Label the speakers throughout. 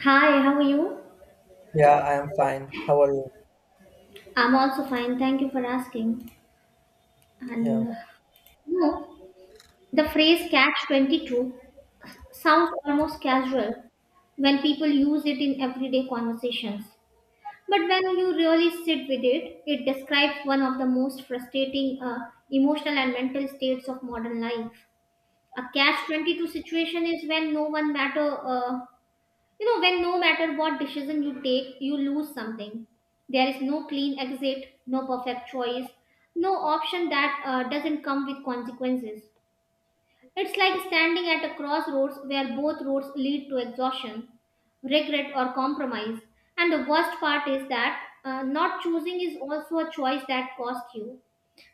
Speaker 1: Hi, how are you?
Speaker 2: Yeah, I am fine. How are you?
Speaker 1: I'm also fine. Thank you for asking.
Speaker 2: Yeah,
Speaker 1: And no, The phrase catch 22 sounds almost casual when people use it in everyday conversations. But when you really sit with it, it describes one of the most frustrating emotional and mental states of modern life. A catch 22 situation is when no matter what decision you take, you lose something. There is no clean exit, no perfect choice, no option that doesn't come with consequences. It's like standing at a crossroads where both roads lead to exhaustion, regret, or compromise. And the worst part is that not choosing is also a choice that costs you.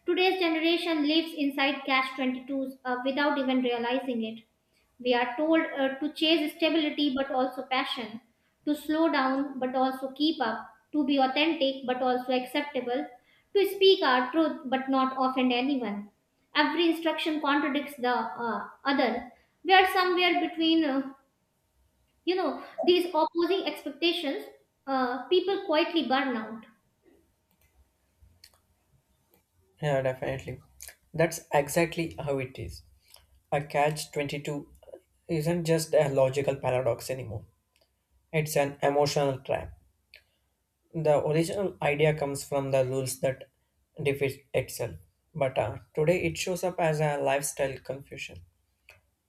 Speaker 1: Today's generation lives inside catch 22s without even realizing it. We are told to chase stability but also passion, to slow down but also keep up, to be authentic but also acceptable, to speak our truth but not offend anyone. Every instruction contradicts the other. We are somewhere between, these opposing expectations. People quietly burn out.
Speaker 2: yeah, definitely. That's exactly how it is. A catch 22 isn't just a logical paradox anymore, it's an emotional trap. The original idea comes from the rules that defeat itself, but today it shows up as a lifestyle confusion.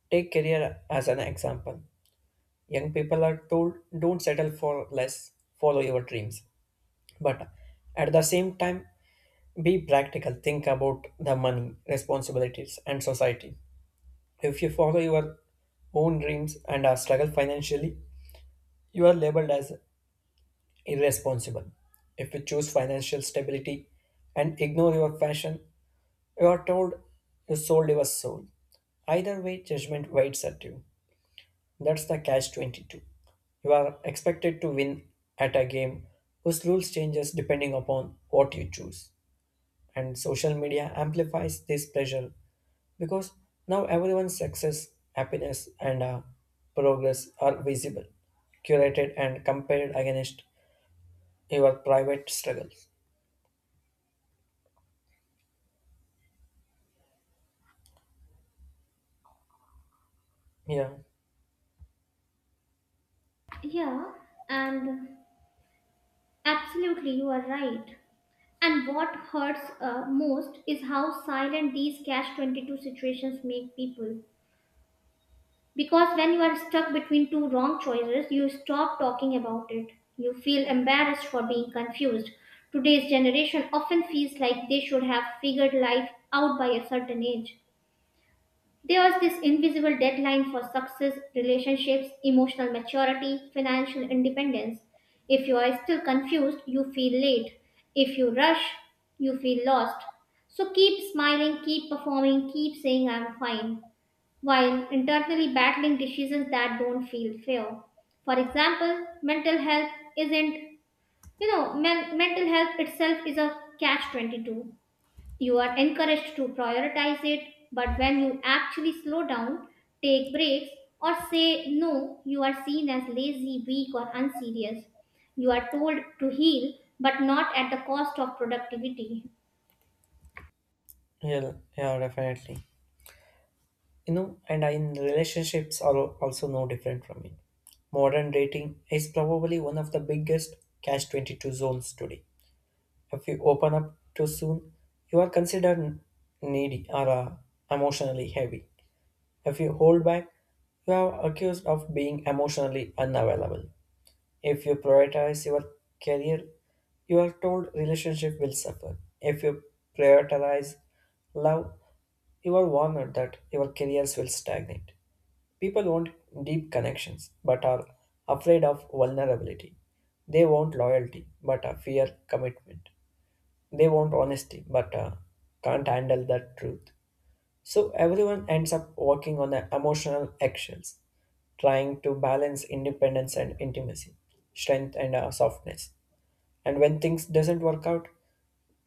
Speaker 2: Take career as an example. Young people are told don't settle for less, follow your dreams. But at the same time, be practical. Think about the money, responsibilities, and society. If you follow your own dreams and are struggle financially, you are labeled as irresponsible. If you choose financial stability and ignore your passion, you are told you sold your soul. Either way, judgment waits at you. That's the catch 22. You are expected to win at a game whose rules changes depending upon what you choose. And social media amplifies this pressure because now everyone's success, happiness, and progress are visible, curated, and compared against your private struggles. Yeah,
Speaker 1: Yeah, and absolutely, you are right. And what hurts most is how silent these catch 22 situations make people. Because when you are stuck between two wrong choices, you stop talking about it. You feel embarrassed for being confused. Today's generation often feels like they should have figured life out by a certain age. There was this invisible deadline for success, relationships, emotional maturity, financial independence. If you are still confused, you feel late. If you rush, you feel lost. So keep smiling, keep performing, keep saying I'm fine, while internally battling decisions that don't feel fair. For example, mental health isn't, you know, men- mental health itself is a catch 22. You are encouraged to prioritize it, but when you actually slow down, take breaks, or say no, you are seen as lazy, weak, or unserious. You are told to heal, but not at the cost of productivity.
Speaker 2: yeah, definitely. You know, and in relationships are also no different from it. Modern dating is probably one of the biggest catch 22 zones today. If you open up too soon, you are considered needy or emotionally heavy. If you hold back, you are accused of being emotionally unavailable. If you prioritize your career, you are told relationship will suffer. If you prioritize love, you are warned that your careers will stagnate. People want deep connections but are afraid of vulnerability. They want loyalty but fear commitment. They want honesty but can't handle that truth. So everyone ends up working on the emotional eggshells, trying to balance independence and intimacy, strength and softness. And when things doesn't work out,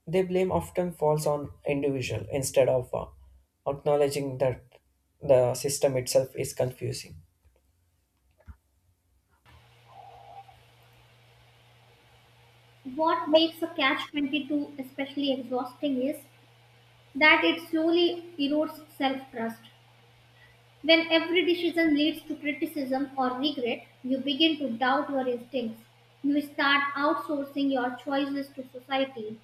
Speaker 2: the blame often falls on individual instead of acknowledging that the system itself is confusing.
Speaker 1: What makes a catch 22 especially exhausting is that it slowly erodes self trust. When every decision leads to criticism or regret, you begin to doubt your instincts. You start outsourcing your choices to society,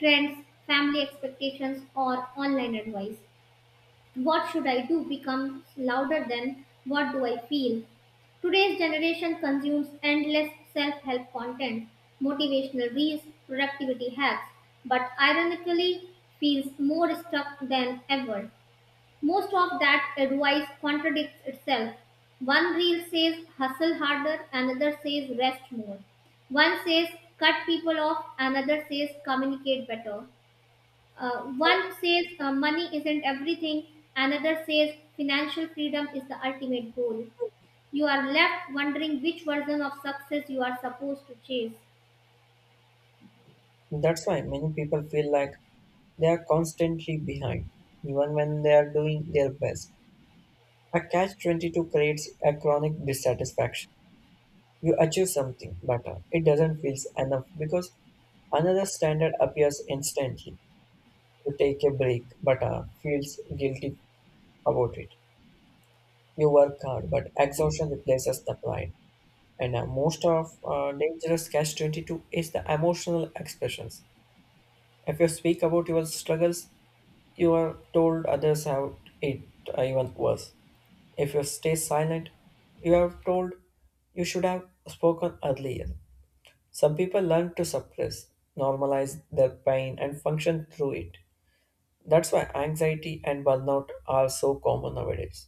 Speaker 1: trends, family expectations, or online advice. What should I do becomes louder than what do I feel. Today's generation consumes endless self help content, motivational reels, productivity hacks, but ironically feels more stuck than ever. Most of that advice contradicts itself. One reel says hustle harder, another says rest more. One says cut people off, another says communicate better. One says money isn't everything, another says financial freedom is the ultimate goal. You are left wondering which version of success you are supposed to chase.
Speaker 2: That's why many people feel like they are constantly behind, even when they are doing their best. A catch-22 creates a chronic dissatisfaction. You achieve something, but it doesn't feel enough because another standard appears instantly. You take a break, but feels guilty about it. You work hard, but exhaustion replaces the pride. And most of dangerous catch 22 is the emotional expressions. If you speak about your struggles, you are told others have it even worse. If you stay silent, you are told you should have spoken earlier. Some people learn to suppress, normalize their pain, and function through it. That's why anxiety and burnout are so common nowadays.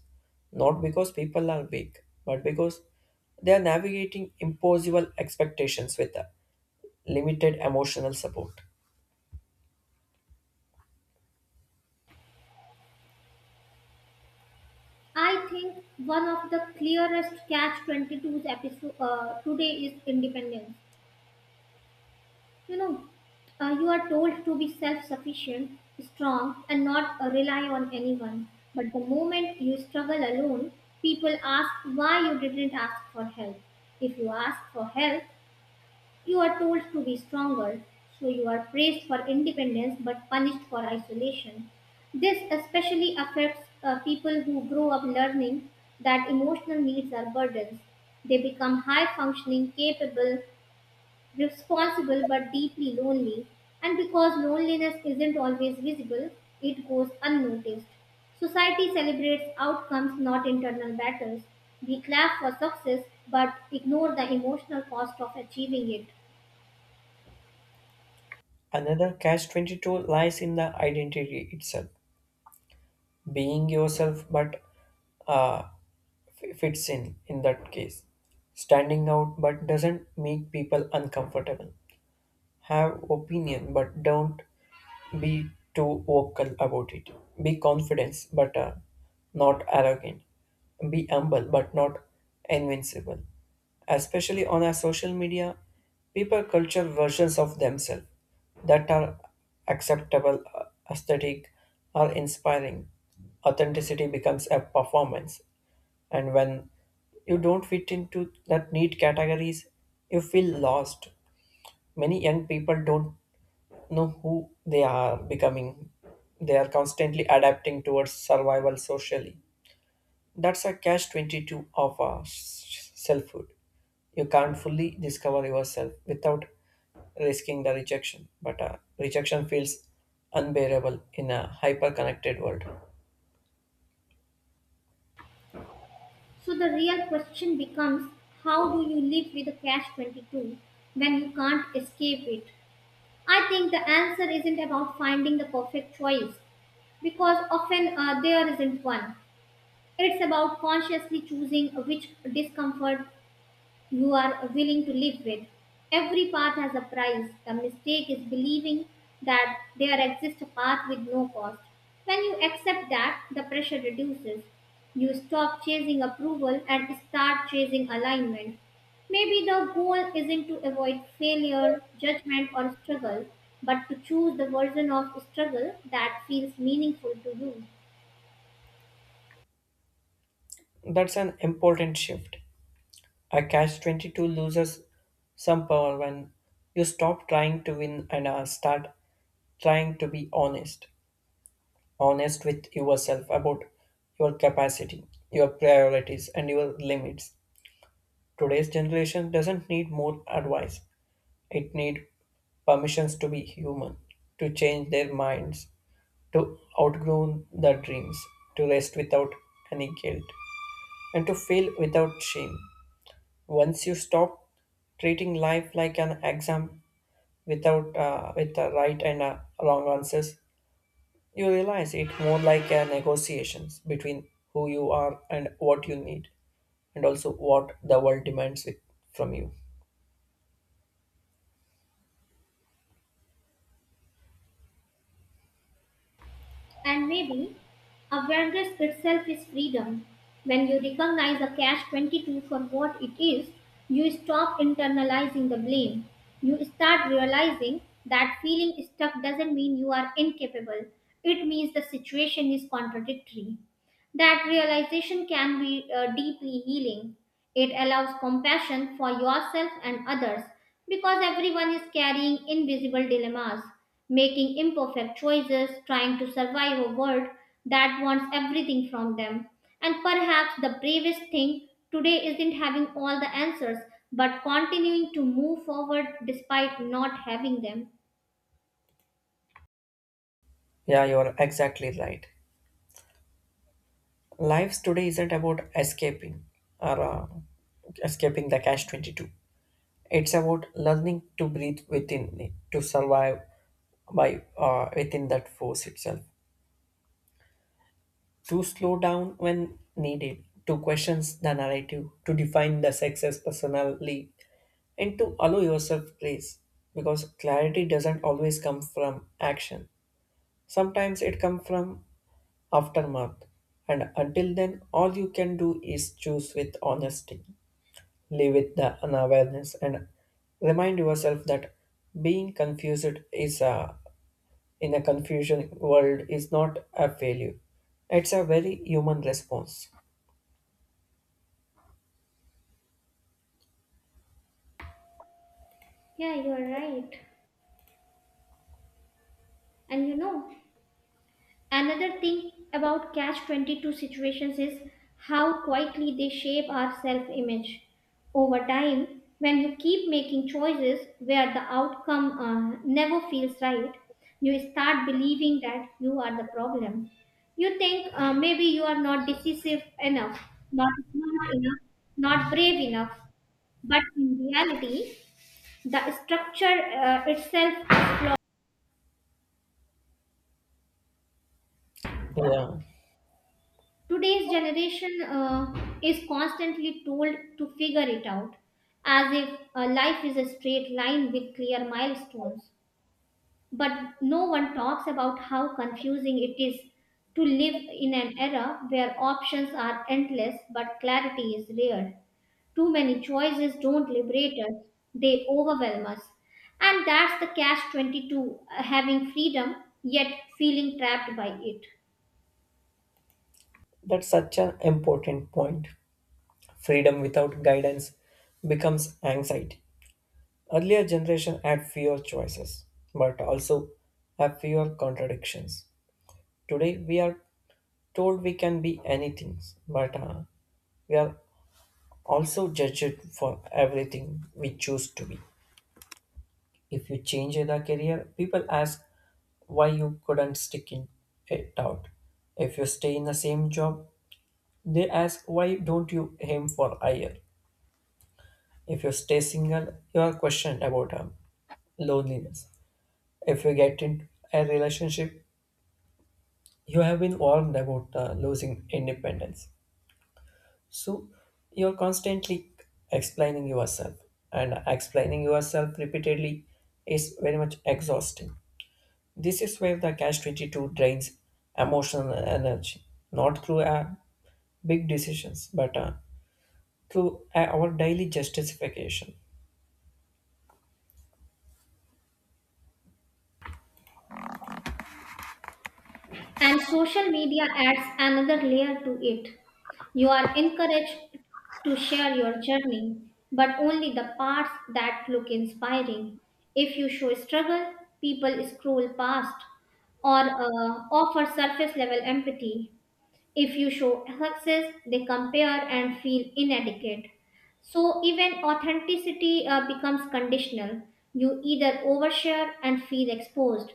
Speaker 2: Not because people are weak, but because they are navigating impossible expectations with a limited emotional support.
Speaker 1: I think one of the clearest catch 22's episode today is independence. You know, you are told to be self sufficient, strong, and not rely on anyone. But the moment you struggle alone, people ask why you didn't ask for help. If you ask for help, you are told to be stronger, so you are praised for independence but punished for isolation. This especially affects people who grow up learning that emotional needs are burdens. They become high functioning, capable, responsible, but deeply lonely. And because loneliness isn't always visible, it goes unnoticed. Society celebrates outcomes, not internal battles. We clap for success but ignore the emotional cost of achieving it.
Speaker 2: Another catch 22 lies in the identity itself, being yourself, but uh, fits in that case. Standing out but doesn't make people uncomfortable. Have opinion, but don't be too vocal about it. Be confident, but not arrogant. Be humble, but not invincible. Especially on our social media, people culture versions of themselves that are acceptable, aesthetic, or inspiring. Authenticity becomes a performance, and when you don't fit into that neat categories, you feel lost. Many young people don't know who they are becoming. They are constantly adapting towards survival socially. That's a catch 22 of our selfhood. You can't fully discover yourself without risking the rejection, but rejection feels unbearable in a hyper connected world.
Speaker 1: So the real question becomes, how do you live with a catch 22 when you can't escape it? I think the answer isn't about finding the perfect choice because often there isn't one. It's about consciously choosing which discomfort you are willing to live with. Every path has a price. The mistake is believing that there exists a path with no cost. When you accept that, the pressure reduces. You stop chasing approval and start chasing alignment. Maybe the goal isn't to avoid failure, judgment, or struggle, but to choose the version of struggle that feels meaningful to you.
Speaker 2: That's an important shift. A catch 22 loses some power when you stop trying to win and start trying to be honest. Honest with yourself about your capacity, your priorities, and your limits. Today's generation doesn't need more advice, it needs permissions to be human, to change their minds, to outgrow their dreams, to rest without any guilt, and to fail without shame. Once you stop treating life like an exam without with the right and wrong answers, you realize it more like a negotiations between who you are and what you need, and also what the world demands with, from you.
Speaker 1: And maybe awareness itself is freedom. When you recognize a catch 22 for what it is, you stop internalizing the blame. You start realizing that feeling stuck doesn't mean you are incapable, it means the situation is contradictory. That realization can be deeply healing. It allows compassion for yourself and others because everyone is carrying invisible dilemmas, making imperfect choices, trying to survive a world that wants everything from them. And perhaps the bravest thing today isn't having all the answers but continuing to move forward despite not having them.
Speaker 2: Yeah, you are exactly right. Lives today isn't about escaping or escaping the cash 22. It's about learning to breathe within it, to survive by within that force itself, to slow down when needed, to question the narrative, to define the success personally, and to allow yourself grace. Because clarity doesn't always come from action. Sometimes it comes from aftermath. And until then, all you can do is choose with honesty, live with the unawareness, and remind yourself that being confused is a, in a confusion world is not a failure. It's a very human response.
Speaker 1: Yeah, you're right. And you know, Another thing about catch 22 situations is how quietly they shape our self image. Over time, when you keep making choices where the outcome never feels right, you start believing that you are the problem. You think maybe you are not decisive enough, not smart enough, not brave enough, but in reality, the structure itself is flawed.
Speaker 2: Yeah,
Speaker 1: Today's generation is constantly told to figure it out as if life is a straight line with clear milestones. But no one talks about how confusing it is to live in an era where options are endless but clarity is rare. Too many choices don't liberate us, they overwhelm us. And that's the catch 22, having freedom yet feeling trapped by it.
Speaker 2: that's such an important point. Freedom without guidance becomes anxiety. Earlier generation had fewer choices, but also have fewer contradictions. Today we are told we can be anything, but we are also judged for everything we choose to be. If you change the career, people ask why you couldn't stick in it out. If you stay in the same job, they ask, why don't you aim for higher? If you stay single, you are questioned about loneliness. If you get into a relationship, you have been warned about losing independence. So you are constantly explaining yourself, and explaining yourself repeatedly is very much exhausting. This is where the Cash 22 drains emotional energy, not through a big decisions, but through our daily justification.
Speaker 1: And social media adds another layer to it. You are encouraged to share your journey, but only the parts that look inspiring. If you show struggle, people scroll past or offer surface level empathy. If you show success, they compare and feel inadequate. So even authenticity becomes conditional. You either overshare and feel exposed,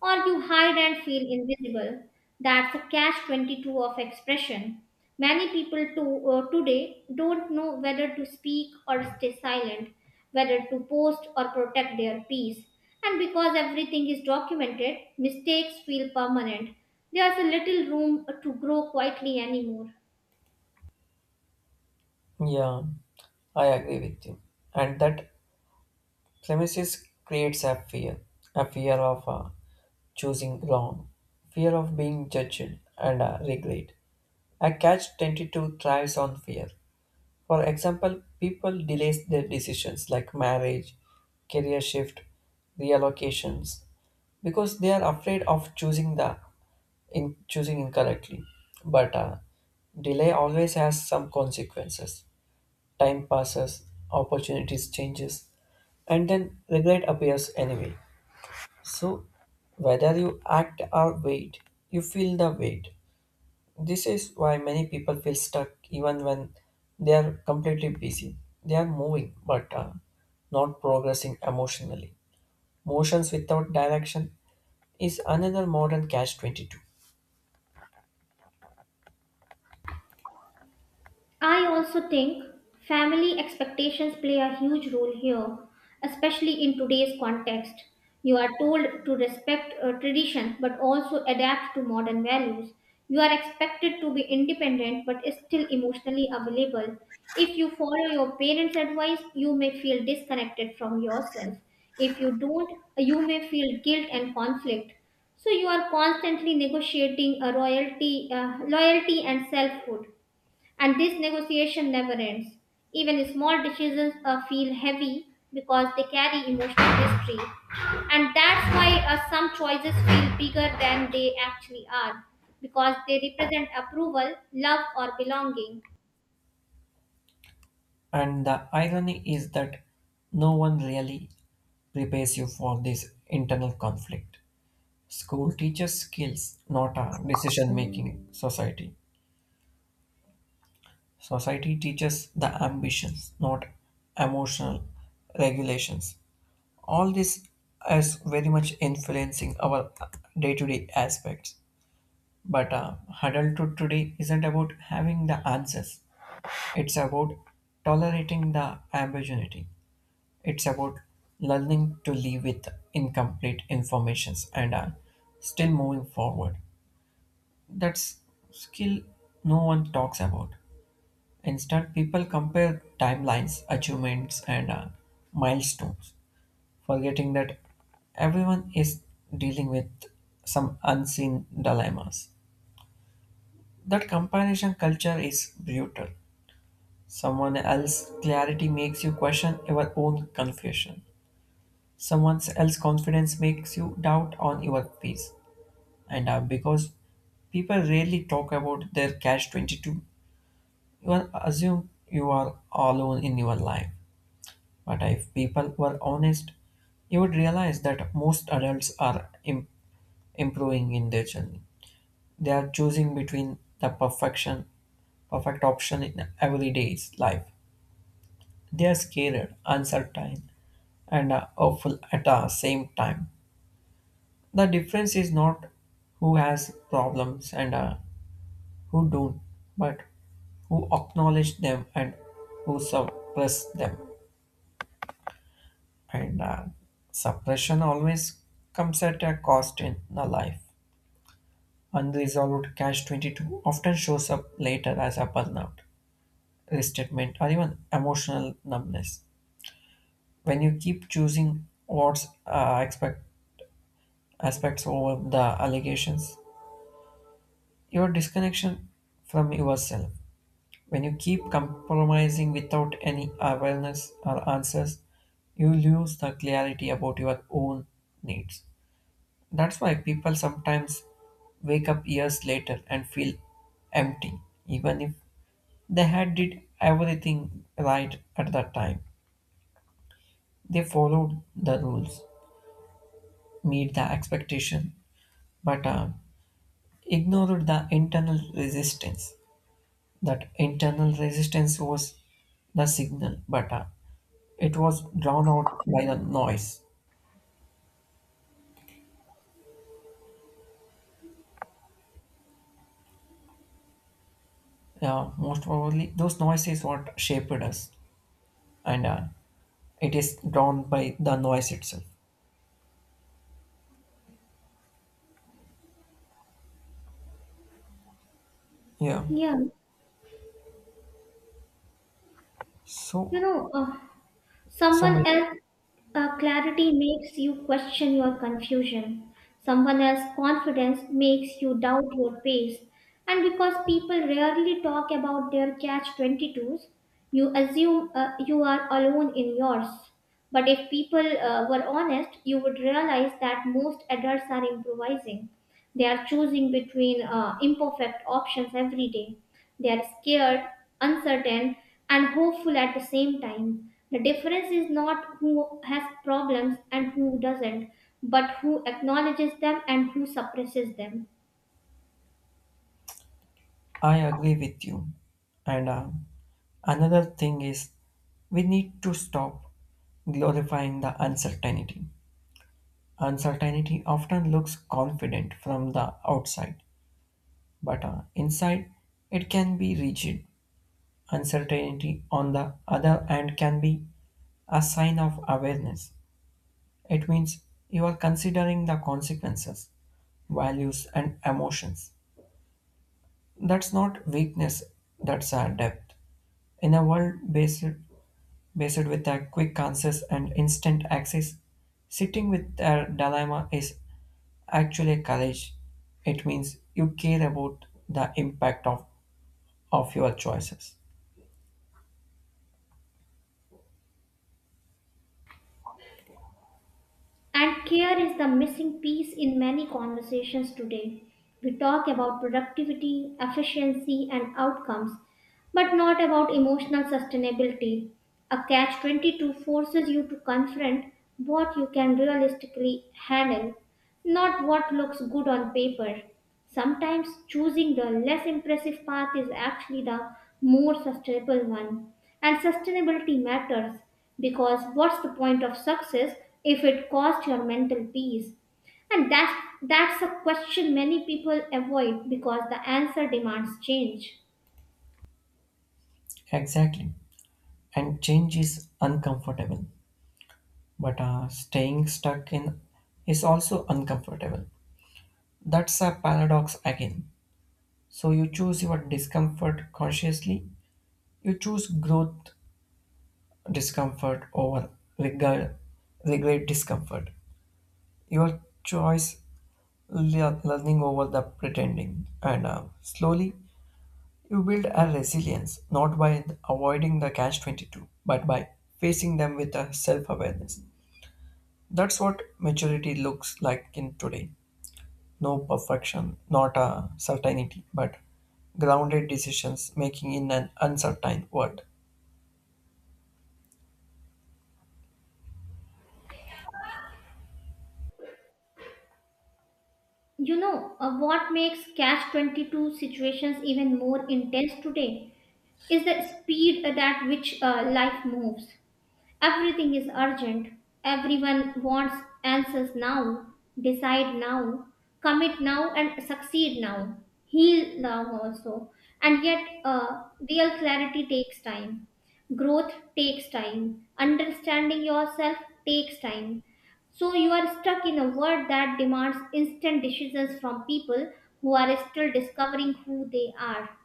Speaker 1: or you hide and feel invisible. That's a catch 22 of expression. Today, don't know whether to speak or stay silent, whether to post or protect their peace. And because everything is documented, mistakes feel permanent. There's a little room to grow quietly anymore.
Speaker 2: Yeah, I agree with you. And that premises creates a fear of choosing wrong, fear of being judged and regret. A catch tended to thrives on fear. For example, people delays their decisions like marriage, career shift, reallocations because they are afraid of choosing the in choosing incorrectly. But delay always has some consequences. Time passes, opportunities changes, and then regret appears anyway. So whether you act or wait, you feel the weight. This is why many people feel stuck even when they are completely busy. They are moving but not progressing emotionally. Motions without direction is another modern catch 22.
Speaker 1: I also think family expectations play a huge role here, especially in today's context. You are told to respect a tradition but also adapt to modern values. You are expected to be independent but still emotionally available. If you follow your parents' advice, you may feel disconnected from yourself. If you don't, you may feel guilt and conflict. So you are constantly negotiating loyalty and selfhood. And this negotiation never ends. Even small decisions feel heavy because they carry emotional history. And that's why some choices feel bigger than they actually are because they represent approval, love, or belonging.
Speaker 2: And the irony is that no one really prepares you for this internal conflict. School teaches skills, not a decision making society. Society teaches the ambitions, not emotional regulations. All this is very much influencing our day to day aspects. But adulthood today isn't about having the answers, it's about tolerating the ambiguity. It's about learning to live with incomplete informations and still moving forward. That's skill no one talks about. Instead, people compare timelines, achievements, and milestones, forgetting that everyone is dealing with some unseen dilemmas. That comparison culture is brutal. Someone else's clarity makes you question your own confusion. Someone else's confidence makes you doubt on your peace. And because people rarely talk about their catch 22, well, assume you are alone in your life, but if people were honest, you would realize that most adults are improving in their journey. They are choosing between the perfection, perfect option in everyday's life. They are scared, uncertain, and hopeful at the same time. The difference is not who has problems and who don't, but who acknowledge them and who suppress them. And suppression always comes at a cost in the life. Unresolved cash 22 often shows up later as a burnout, restatement, or even emotional numbness. When you keep choosing what's expect, aspects over the allegations, your disconnection from yourself. When you keep compromising without any awareness or answers, you lose the clarity about your own needs. That's why people sometimes wake up years later and feel empty, even if they had did everything right at that time. They followed the rules, meet the expectation, but ignored the internal resistance. That internal resistance was the signal, but it was drowned out by the noise. Yeah, most probably those noises what shaped us, and it is drowned by the noise itself. Yeah.
Speaker 1: Yeah, you
Speaker 2: So,
Speaker 1: know,
Speaker 2: so
Speaker 1: Someone
Speaker 2: many-
Speaker 1: else' clarity makes you question your confusion. Someone else's confidence makes you doubt your pace. And because people rarely talk about their catch 22s, you assume you are alone in yours. But if people were honest, you would realize that most adults are improvising. They are choosing between imperfect options every day. They are scared, uncertain, and hopeful at the same time. The difference is not who has problems and who doesn't, but who acknowledges them and who suppresses them.
Speaker 2: I agree with you. And another thing is, we need to stop glorifying the uncertainty. Uncertainty often looks confident from the outside, but inside it can be rigid. Uncertainty, on the other hand, can be a sign of awareness. It means you are considering the consequences, values, and emotions. That's not weakness, that's a depth. In a world based, Based with a quick answers and instant access, sitting with a dilemma is actually a courage. It means you care about of your choices.
Speaker 1: And care is the missing piece in many conversations today. We talk about productivity, efficiency, and outcomes, but not about emotional sustainability. A catch 22 forces you to confront what you can realistically handle, not what looks good on paper. Sometimes choosing the less impressive path is actually the more sustainable one. And sustainability matters because what's the point of success if it costs your mental peace? And that's, that's a question many people avoid because the answer demands change.
Speaker 2: Exactly. And change is uncomfortable, but staying stuck in is also uncomfortable. That's a paradox again. So you choose your discomfort consciously, you choose growth discomfort over regret, regret discomfort. Your choice, learning over the pretending, and slowly you build a resilience not by avoiding the catch 22, but by facing them with a self awareness. That's what maturity looks like in today. No perfection, not a certainty, but grounded decisions making in an uncertain world.
Speaker 1: You know what makes catch 22 situations even more intense today is the speed at that which life moves. Everything is urgent. Everyone wants answers now, decide now, commit now, and succeed now, heal now also. And yet, real clarity takes time. Growth takes time. Understanding yourself takes time. So you are stuck in a world that demands instant decisions from people who are still discovering who they are.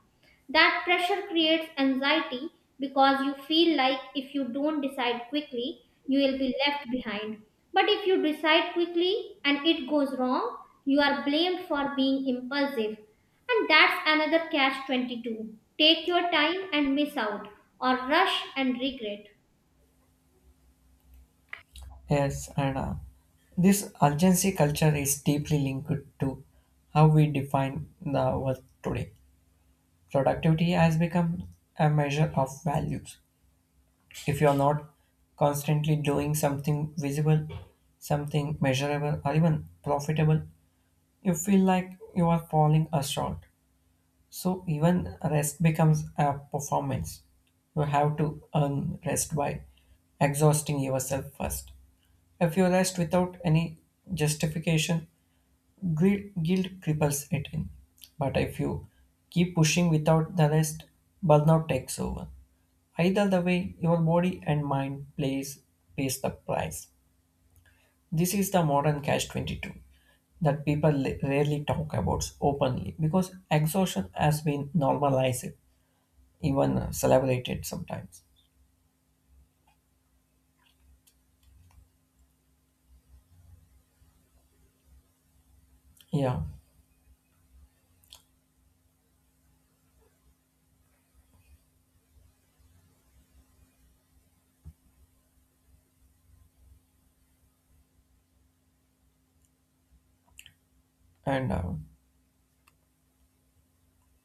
Speaker 1: That pressure creates anxiety because you feel like if you don't decide quickly, you will be left behind. But if you decide quickly and it goes wrong, you are blamed for being impulsive. And that's another catch 22. Take your time and miss out, or rush and regret.
Speaker 2: Yes, and this urgency culture is deeply linked to how we define the work today. Productivity has become a measure of values. If you're not constantly doing something visible, something measurable, or even profitable, you feel like you are falling short. So even rest becomes a performance. You have to earn rest by exhausting yourself first. If you rest without any justification, guilt cripples it in. But if you keep pushing without the rest, burnout takes over. Either the way, your body and mind plays pays the price. This is the modern catch 22 that people rarely talk about openly because exhaustion has been normalized, even celebrated sometimes. Yeah, and